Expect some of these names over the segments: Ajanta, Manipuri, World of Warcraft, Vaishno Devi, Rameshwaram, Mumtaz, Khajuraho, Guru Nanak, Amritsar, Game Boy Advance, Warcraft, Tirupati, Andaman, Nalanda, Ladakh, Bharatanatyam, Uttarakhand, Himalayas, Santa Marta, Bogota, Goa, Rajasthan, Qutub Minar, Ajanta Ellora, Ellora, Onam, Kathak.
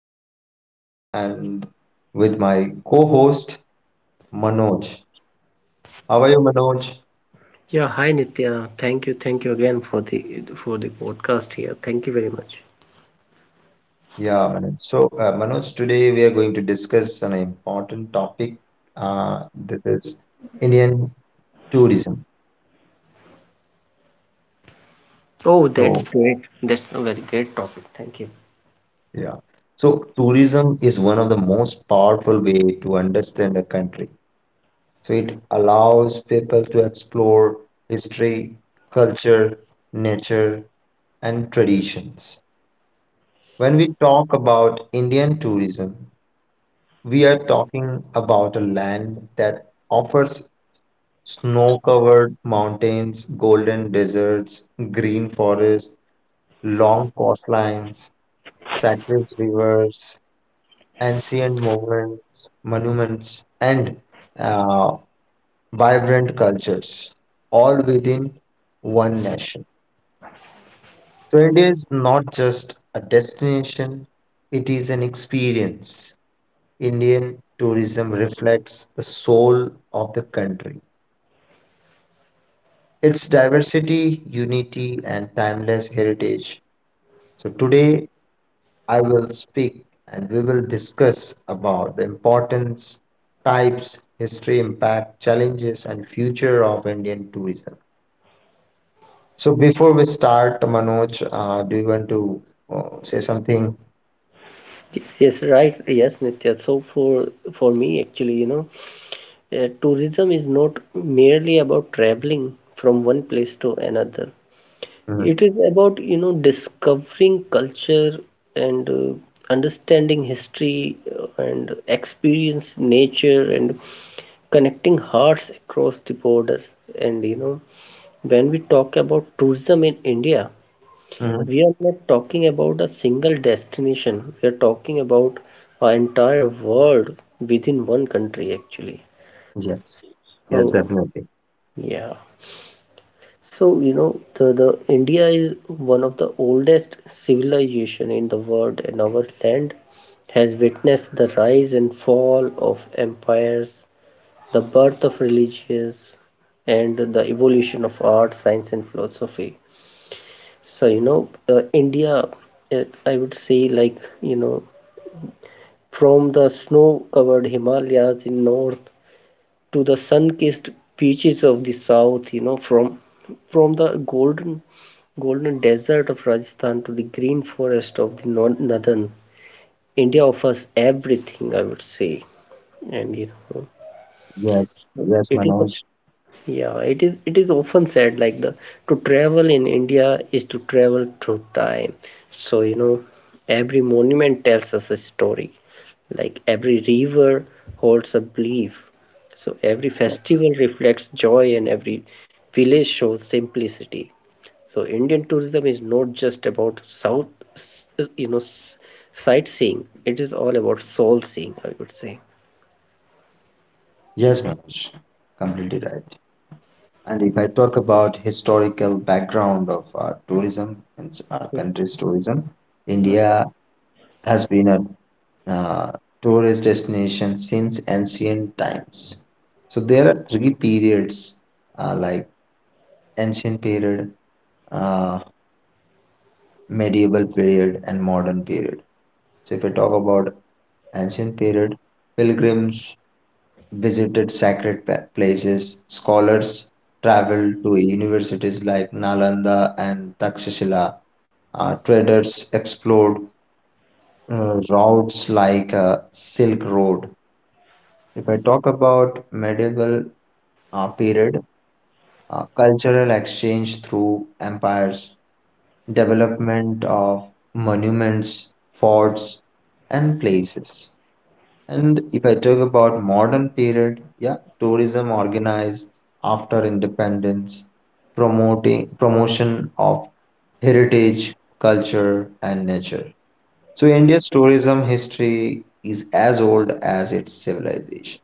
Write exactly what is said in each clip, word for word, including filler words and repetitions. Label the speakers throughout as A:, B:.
A: host Nitya, and with my co-host Manoj. How are you, Manoj?
B: Yeah, hi Nitya. Thank you, thank you again for the for the podcast here. Thank you very much.
A: Yeah, Manoj. So, uh, Manoj, today we are going to discuss an important topic. Uh, that is Indian tourism.
B: Oh, that's
A: So,
B: great. That's a very great topic. Thank you.
A: yeah. So, tourism is one of the most powerful way to understand a country. So it allows people to explore history, culture, nature, and traditions. When we talk about Indian tourism, we are talking about a land that offers snow covered mountains, golden deserts, green forests, long coastlines, sacred rivers, ancient monuments, monuments and uh, vibrant cultures, all within one nation. So India is not just a destination, it is an experience. Indian tourism reflects the soul of the country, its diversity, unity, and timeless heritage. So today I will speak and we will discuss about the importance, types, history, impact, challenges, and future of Indian tourism. So before we start, Manoj, uh, do you want to uh, say something?
B: Yes, yes, right. Yes, Nitya. So for for me, actually, you know, uh, tourism is not merely about traveling from one place to another.
A: Mhm.
B: It is about, you know, discovering culture and uh, understanding history, uh, and experience nature and connecting hearts across the borders, and, you know when we talk about tourism in India,
A: Mhm.
B: we are not talking about a single destination. We are talking about an entire world within one country, actually.
A: Yes. Yes,
B: Oh,
A: definitely.
B: yeah. So, you know, the, the India is one of the oldest civilization in the world, and our land has witnessed the rise and fall of empires, the birth of religions, and the evolution of art, science, and philosophy. So, you know, uh, India, uh, I would say, like, you know, from the snow-covered Himalayas in north to the sun-kissed beaches of the south, you know, from from the golden golden desert of Rajasthan to the green forest of the nor- northern, India offers everything, I would say. And you know,
A: Yes.
B: so
A: Yes,
B: it is
A: Manoj.
B: Yeah, it is it is often said, like, the to travel in India is to travel through time. So, you know, every monument tells us a story. Like, every river holds a belief. So every
A: Yes.
B: festival reflects joy and every village shows simplicity. So Indian tourism is not just about south, s- you know, s- sightseeing. It is all about soul seeing, I would say.
A: Yes, Manoj. Completely right. And if I talk about historical background of our tourism, means our
B: Yeah.
A: country's tourism,
B: Hmm.
A: India has been a uh, tourist destination since ancient times. So there are three periods, uh, like ancient period. uh, Medieval period and modern period. So if I talk about ancient period, pilgrims visited sacred pa- places, scholars traveled to universities like Nalanda and Takshashila, uh, traders explored uh, routes like uh, Silk Road. If I talk about medieval uh, period, uh, cultural exchange through empires, development of monuments, forts, and places. And if I talk about modern period, yeah, tourism organized after independence, promoting promotion of heritage, culture, and nature. So India's tourism history is as old as its civilization.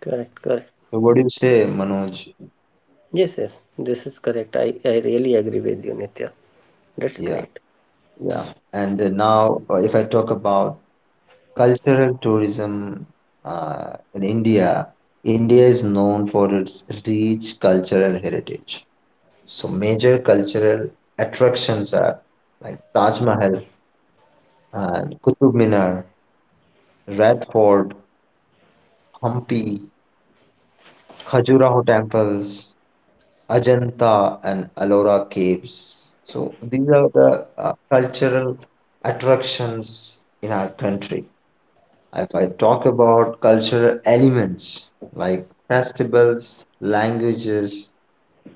B: Correct, correct.
A: So what do you say, Manoj?
B: Yes, yes, this is correct. I, I really agree with you, Nitya. That's
A: Yeah,
B: great.
A: yeah. And uh, now, uh, if I talk about cultural tourism uh, in India. India is known for its rich cultural heritage. So major cultural attractions are like Taj Mahal and Qutub Minar, Red Fort, Hampi, Khajuraho temples, Ajanta and Ellora caves. So these are the uh, cultural attractions in our country. If I talk about cultural elements like festivals, languages,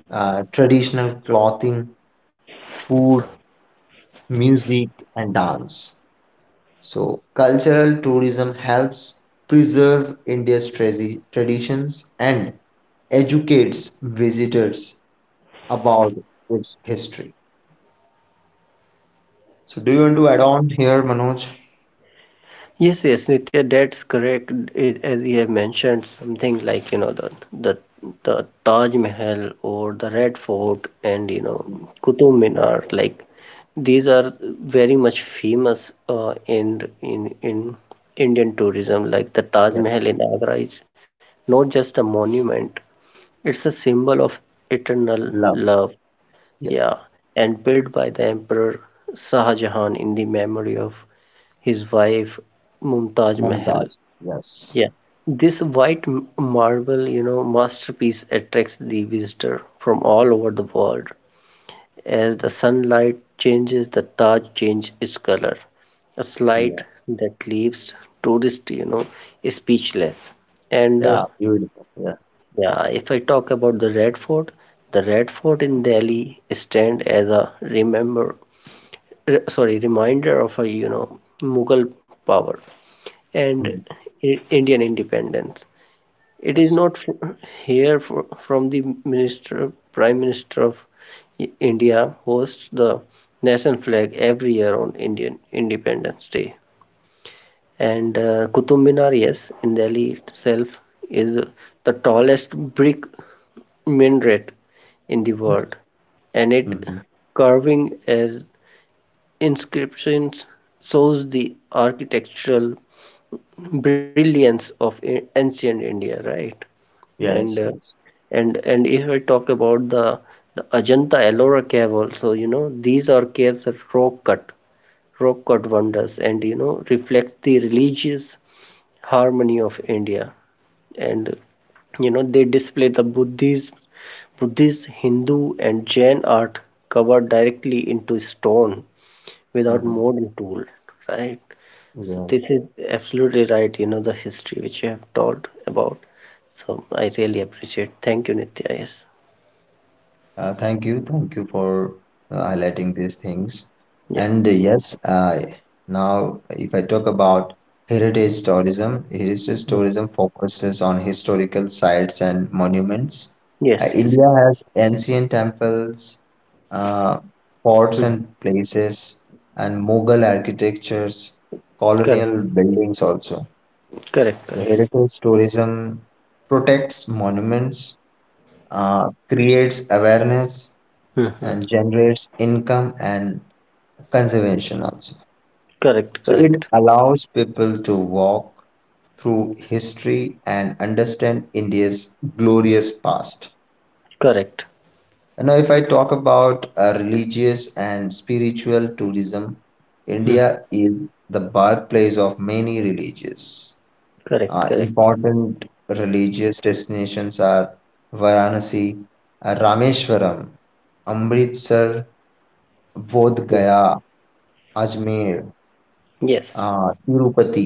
A: uh, traditional clothing, food, music, and dance. So, cultural tourism helps preserve India's tradi- traditions and educates visitors about its history. So, do you want to add on here, Manoj?
B: Yes, yes, Nitya, that's correct. I- As you have mentioned, something like, you know, the the the Taj Mahal or the Red Fort, and, you know, Qutub Minar, like, these are very much famous, uh, in in in Indian tourism. Like the Taj
A: Yes,
B: Mahal in Agra is not just a monument, it's a symbol of eternal
A: love.
B: love.
A: Yes,
B: Yeah, and built by the Emperor Shah Jahan in the memory of his wife Mumtaz Mahal.
A: Mumtaz.
B: Yeah,
A: Yes.
B: this white m- marble, you know, masterpiece attracts the visitor from all over the world. As the
A: Yes.
B: sunlight changes, the Taj changes its color, a
A: Yeah.
B: slight that leaves tourists, you know, speechless. And, uh,
A: Yeah. Beautiful. Yeah.
B: yeah, if I talk about the Red Fort, the Red Fort in Delhi stand as a remember re- sorry reminder of a you know mughal power and
A: Mm-hmm.
B: I- indian independence. It is
A: Yes,
B: not fr- here, fr- from the minister prime minister of I- india hosts the national flag every year on Indian independence day. And, uh, Qutub Minar, yes, in Delhi itself is the tallest brick minaret in the world,
A: yes.
B: and it
A: Mhm.
B: curving as inscriptions shows the architectural brilliance of ancient India, right?
A: Yes,
B: And uh,
A: yes.
B: and and if I talk about the the Ajanta Ellora cave also, you know, these are caves are rock cut, rock cut wonders, and you know reflect the religious harmony of India, and you know they display the Buddhist, Buddhist, Hindu, and Jain art covered directly into stone without
A: Mm-hmm.
B: modern tool, right? So
A: Yeah.
B: this is absolutely right, you know, the history which you have told about. So I really appreciate. Thank you, Nitya. Yes.
A: Uh, thank you, thank you for uh, highlighting these things.
B: Yeah.
A: And uh, yes, uh, now if I talk about heritage tourism, heritage
B: Hmm.
A: tourism focuses on historical sites and monuments. Uh,
B: Yes, yes.
A: India has ancient temples, uh, forts
B: Hmm.
A: and places, and Mughal architectures,
B: Correct,
A: colonial buildings also.
B: correct, correct.
A: Heritage tourism protects monuments, uh, creates awareness,
B: Hmm.
A: and generates income and conservation also.
B: Correct,
A: So it
B: correct,
A: allows people to walk through history and understand India's glorious past.
B: correct.
A: And now, if I talk about uh, religious and spiritual tourism,
B: Hmm.
A: India is the birthplace of many religions.
B: Correct,
A: Uh,
B: correct.
A: important religious destinations are Varanasi, uh, Rameshwaram, Amritsar, Bodh
B: Hmm.
A: Gaya, Ajmer,
B: Yes,
A: uh, Tirupati,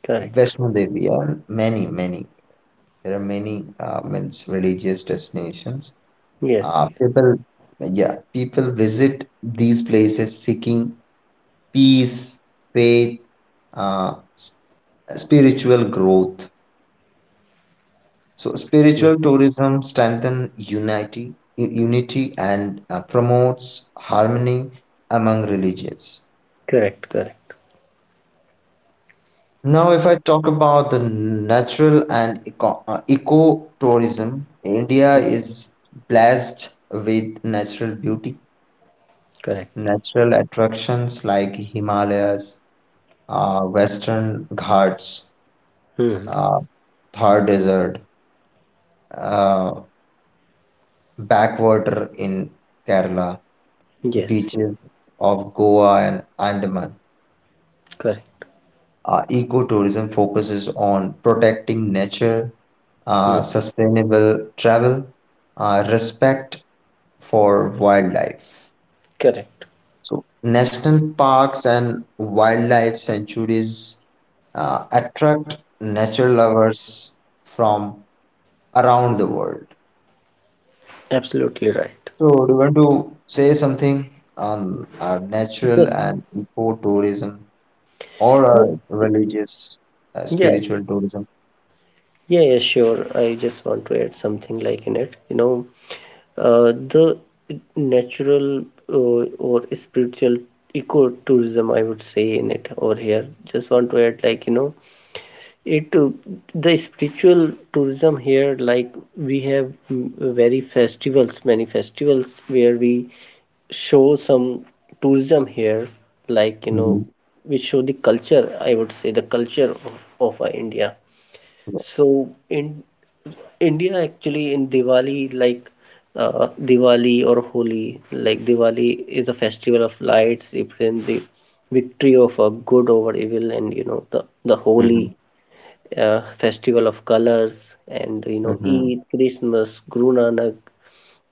B: correct.
A: Vaishno Devi, and many, many. There are many uh, means religious destinations.
B: Yes,
A: Uh,
B: yes.
A: people, yeah, people visit these places seeking peace, faith, uh, s- spiritual growth. So
B: Hmm.
A: spiritual tourism strengthens unity, u- unity and uh, promotes harmony among religions.
B: Correct, correct,
A: Now, if I talk about the natural and eco, uh, ecotourism, India is blessed with natural beauty,
B: correct.
A: natural attractions like Himalayas, uh, Western Ghats,
B: Hmm.
A: uh, Thar Desert, uh, backwater in Kerala,
B: Yes,
A: beaches of Goa and Andaman.
B: correct.
A: Uh, ecotourism focuses on protecting nature,
B: Hmm.
A: uh, sustainable travel, uh, respect for wildlife.
B: Correct.
A: So, national parks and wildlife sanctuaries uh, attract nature lovers from around the world.
B: Absolutely right.
A: So, do you want to say something on uh, natural
B: Yes.
A: and ecotourism? Or a
B: Yeah.
A: religious uh,
B: Yeah.
A: spiritual tourism.
B: Yeah, yeah, sure. I just want to add something like in it. You know, uh, the natural, uh, or spiritual ecotourism, I would say, in it over here. Just want to add, like, you know, it, uh, the spiritual tourism here. Like, we have, mm, very festivals, many festivals where we show some tourism here, like, you know,
A: Hmm.
B: we show the culture. I would say the culture of of, uh, India. So in India, actually, in Diwali, like, uh, Diwali or Holi, like, Diwali is a festival of lights representing the victory of a good over evil. And, you know the the Holi,
A: Hmm.
B: uh, festival of colors. And, you know
A: Hmm.
B: Eid, Christmas, Guru Nanak,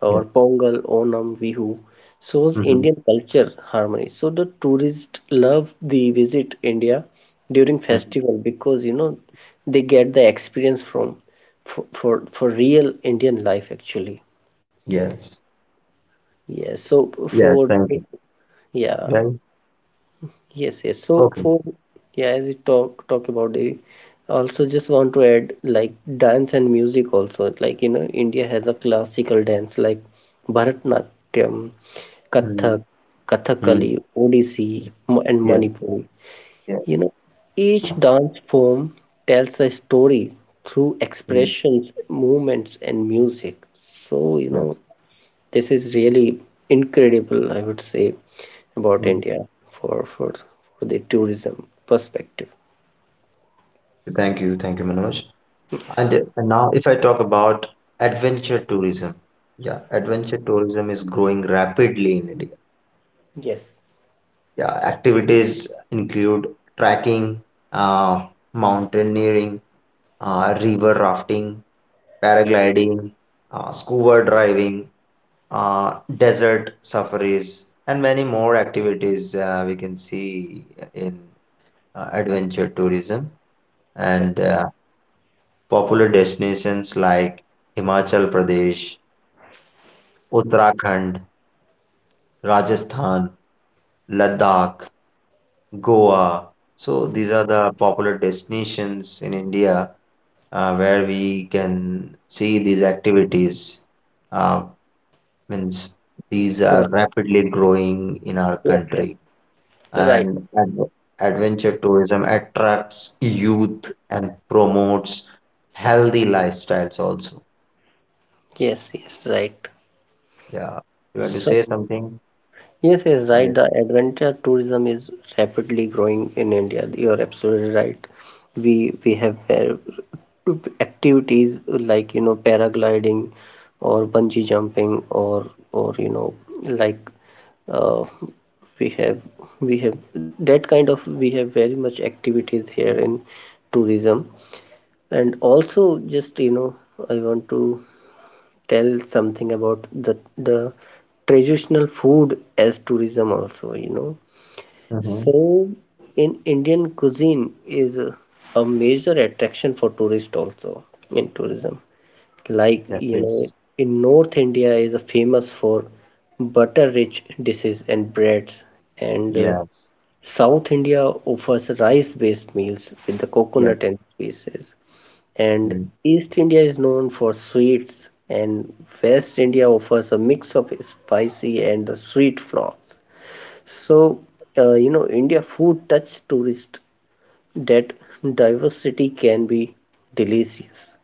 B: or
A: Yes.
B: Pongal, Onam, Vihu shows
A: Hmm.
B: Indian culture harmony. So the tourists love the visit India during
A: Hmm.
B: festival because, you know they get the experience from for for, for real Indian life, actually.
A: Yes.
B: Yeah. So
A: Yes.
B: for
A: Thank you.
B: Yeah.
A: Yeah.
B: Yes, yes. So
A: Okay.
B: for Yeah, as we talk talk about the also just want to add, like, dance and music also. Like, you know, India has a classical dance like Bharatanatyam, Kathak,
A: Mm.
B: Kathakali,
A: Mm.
B: Odissi, Mo- and
A: Yes.
B: Manipuri.
A: Yes.
B: You know, each dance form tells a story through
A: Mm.
B: expressions, movements, and music. So, you know,
A: Yes.
B: this is really incredible, I would say, about
A: Mm.
B: India for for, for the tourism perspective.
A: Thank you. Thank you, Manoj.
B: Yes.
A: And, uh, and now, if I talk about adventure tourism, yeah, adventure tourism is growing rapidly in India.
B: Yes.
A: Yeah, activities include trekking, uh, mountaineering, uh, river rafting, paragliding, uh, scuba driving, uh, desert safaris, and many more activities uh, we can see in uh, adventure tourism,
B: Correct.
A: and uh, popular destinations like Himachal Pradesh, Uttarakhand, Rajasthan, Ladakh, Goa. So these are the popular destinations in India uh, where we can see these activities, uh, means these are
B: Correct.
A: rapidly growing in our
B: Yes. Yes.
A: country,
B: Right.
A: and ad- adventure tourism attracts youth and promotes healthy lifestyles also.
B: Yes. Yes. Right.
A: Yeah, you want to
B: So
A: say something
B: Yes, yes,
A: on
B: right.
A: this?
B: The adventure tourism is rapidly growing in India. You're absolutely right. We we have, uh, activities like, you know paragliding or bungee jumping, or or, you know like, uh, we have we have, that kind of we have very much activities here in tourism. And also, just, you know I want to tell something about the the traditional food as tourism also you know
A: Mm-hmm.
B: So in Indian cuisine is a a major attraction for tourists also in tourism, like,
A: Yes,
B: you know
A: yes.
B: in north India is famous for butter rich dishes and breads. And, uh,
A: Yes,
B: south India offers rice based meals with the
A: yes.
B: coconut and spices. And
A: Mm.
B: East India is known for sweets, and West India offers a mix of spicy and the sweet flavors. So, uh, you know, India food touch tourist that diversity can be delicious.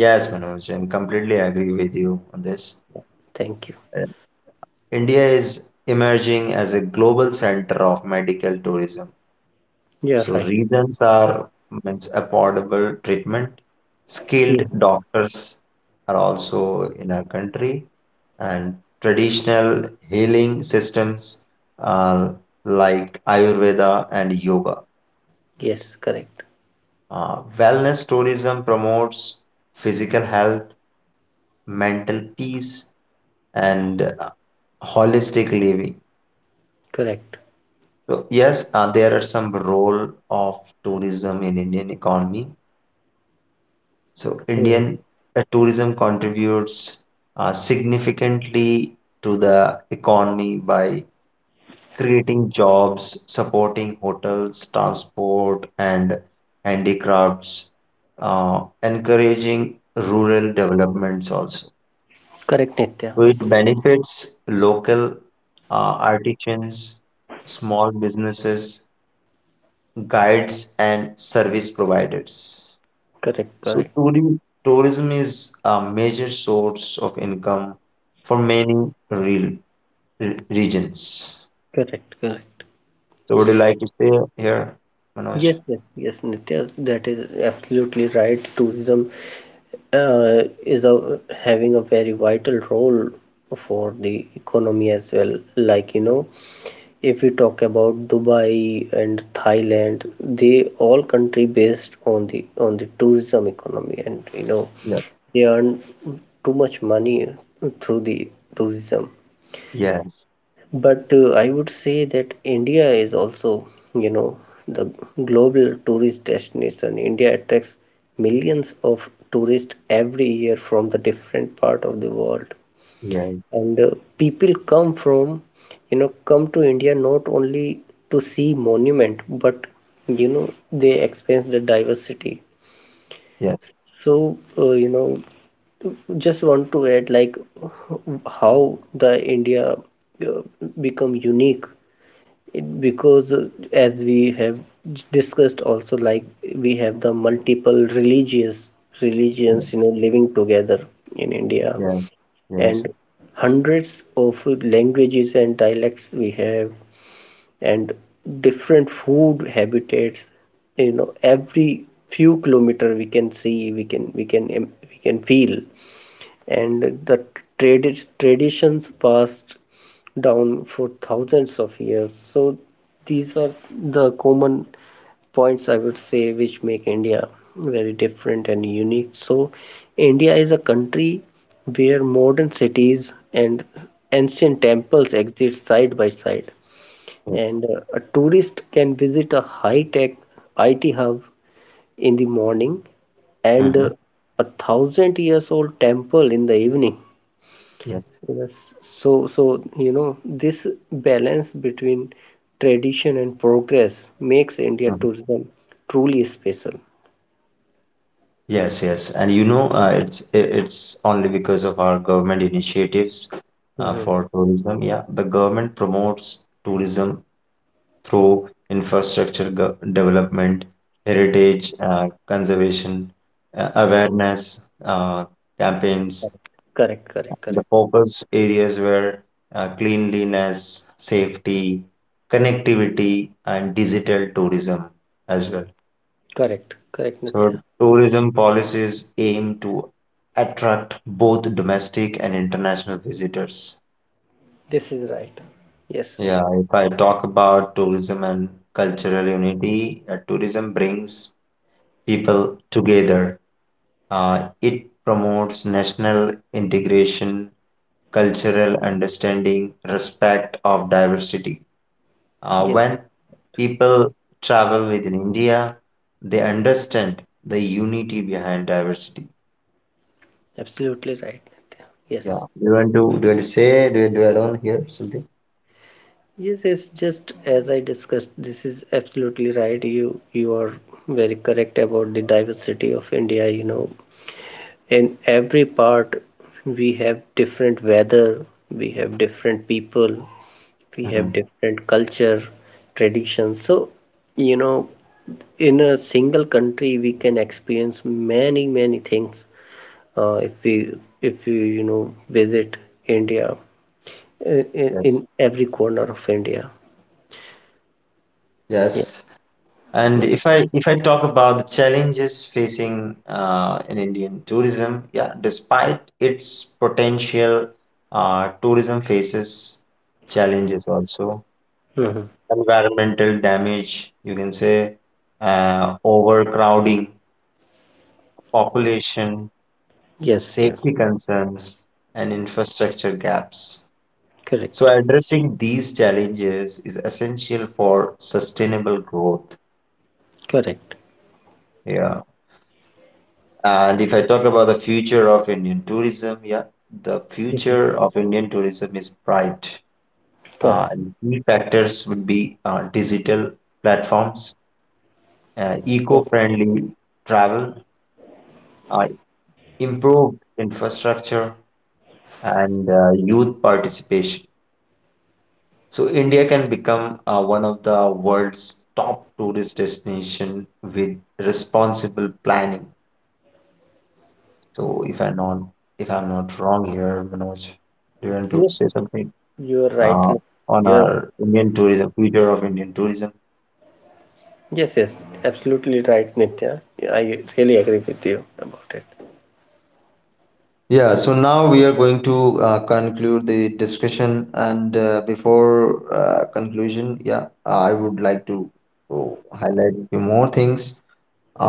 A: Yes, Manoj, I'm completely agree with you on this.
B: Thank you.
A: Uh, india is emerging as a global center of medical tourism.
B: Yeah,
A: So
B: right.
A: reasons
B: Right.
A: are means affordable treatment, skilled
B: Hmm.
A: doctors are also in our country, and traditional healing systems uh, like Ayurveda and yoga.
B: Yes, correct.
A: Uh, wellness tourism promotes physical health, mental peace, and uh, holistic living.
B: Correct.
A: So yes, uh, there are some role of tourism in Indian economy. So
B: Hmm.
A: Indian uh, tourism contributes uh, significantly to the economy by creating jobs, supporting hotels, transport, and handicrafts, uh, encouraging rural developments also.
B: Correct, Nitya.
A: So it benefits local uh, artisans, small businesses, guides, and service providers.
B: Correct,
A: So
B: correct.
A: touri- tourism is a major source of income for many real re- regions.
B: Correct, correct.
A: So would you like to stay here,
B: Yes,
A: Manoj?
B: yes, yes, Nitya, that is absolutely right. Tourism, uh, is, a, having a very vital role for the economy as well, like, you know if we talk about Dubai and Thailand, they all country based on the on the tourism economy. And, you know
A: Yes.
B: they earn too much money through the tourism.
A: Yes.
B: But, uh, I would say that India is also, you know, the global tourist destination. India attracts millions of tourists every year from the different part of the world.
A: Yes.
B: And, uh, people come from, you know, come to India not only to see monument, but, you know, they experience the diversity.
A: Yes.
B: So, uh, you know, just want to add, like, how the India, uh, become unique. It- because, uh, as we have discussed also, like, we have the multiple religious religions, you know
A: Yes.
B: living together in India.
A: Yes.
B: And
A: Yes.
B: hundreds of languages and dialects we have, and different food habitats, you know every few kilometer we can see, we can we can im- we can feel. And the tradi- traditions passed down for thousands of years. So these are the common points, I would say, which make India very different and unique. So India is a country where modern cities and ancient temples exist side by side.
A: Yes.
B: And, uh, a tourist can visit a high-tech I T hub in the morning, and,
A: Mm-hmm.
B: uh, a thousand years old temple in the evening.
A: Yes.
B: Yes. So, so you know, this balance between tradition and progress makes India
A: Mhm.
B: tourism truly special.
A: Yes. Yes. And you know, uh, it's i- it's only because of our government initiatives uh,
B: Mm-hmm.
A: for tourism. Yeah, the government promotes tourism through infrastructure go- development, heritage uh, conservation, uh, awareness uh, campaigns.
B: Correct, correct,
A: The
B: correct.
A: focus areas were uh, cleanliness, safety, connectivity, and digital tourism as well.
B: Correct, correct,
A: So,
B: Nitya.
A: tourism policies aim to attract both domestic and international visitors.
B: This is right. Yes,
A: Yeah, if I talk about tourism and cultural unity, uh, tourism brings people together. Uh, it promotes national integration, cultural understanding, respect of diversity. Uh,
B: yes,
A: when people travel within India, they understand the unity behind diversity.
B: absolutely right, Nitya. Yes,
A: Yeah. Do you want to do you want to say do you, do you add on here something?
B: yes, yes. Just as I discussed, this is absolutely right. You, you are very correct about the diversity of India. You know, in every part we have different weather, we have different people, we have
A: Mhm.
B: different culture traditions. So, you know in a single country we can experience many many things, uh, if we if we you know visit India, in, in
A: Yes.
B: every corner of India. Yeah.
A: Yes. And if I if I talk about the challenges facing uh, in Indian tourism, yeah, despite its potential, uh, tourism faces challenges also. Yeah.
B: Mhm.
A: Environmental damage, you can say, uh, overcrowding, population,
B: Yes, yes.
A: safety concerns, and infrastructure gaps. So
B: Correct,
A: addressing these challenges is essential for sustainable growth.
B: correct.
A: Yeah. And if I talk about the future of Indian tourism, yeah, the
B: Mhm.
A: future of Indian tourism is bright. Uh,
B: Correct.
A: and key factors would be uh, digital platforms, uh,
B: Yes.
A: eco-friendly travel, uh, improved infrastructure, and uh, youth participation. So India can become uh, one of the world's top tourist destination with responsible planning. So if I'm not if I'm not wrong here, Manoj, do you want to
B: Yes,
A: say
B: yes.
A: something
B: You are right.
A: uh, on
B: you are
A: our Indian tourism, future of Indian tourism?
B: Yes, yes, absolutely right, Nitya. Yeah, I really agree with you about it.
A: Yeah, so now we are going to uh, conclude the discussion, and uh, before uh, conclusion, yeah, I would like to oh, highlight few more things.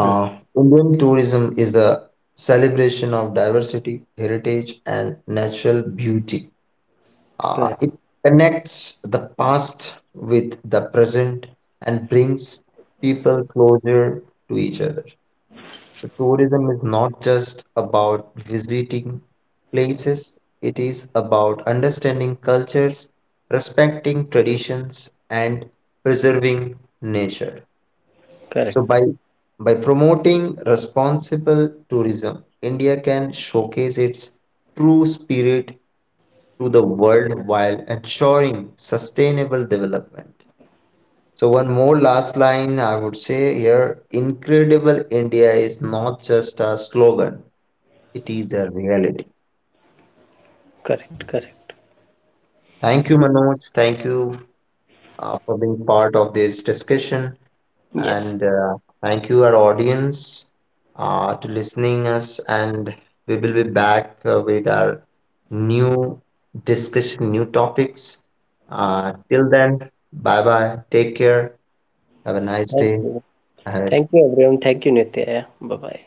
B: Hmm.
A: Indian tourism is the celebration of diversity, heritage, and natural beauty. Uh,
B: Correct,
A: it connects the past with the present and brings people closer to each other. So tourism is not just about visiting places, it is about understanding cultures, respecting traditions, and preserving nature. So
B: correct,
A: by by promoting responsible tourism, India can showcase its true spirit to the world while ensuring sustainable development. So one more last line I would say here, incredible India is not just a slogan. It is a reality.
B: correct, correct.
A: Thank you, Manoj. Thank you uh, for being part of this discussion,
B: Yes.
A: and uh, thank you our audience uh, to listening us. And we will be back uh, with our new discussion, new topics. Uh, till then, bye bye. Take care. Have a nice
B: Thank
A: day
B: you.
A: ahead.
B: Thank you, everyone. Thank you, Nitya. Bye bye.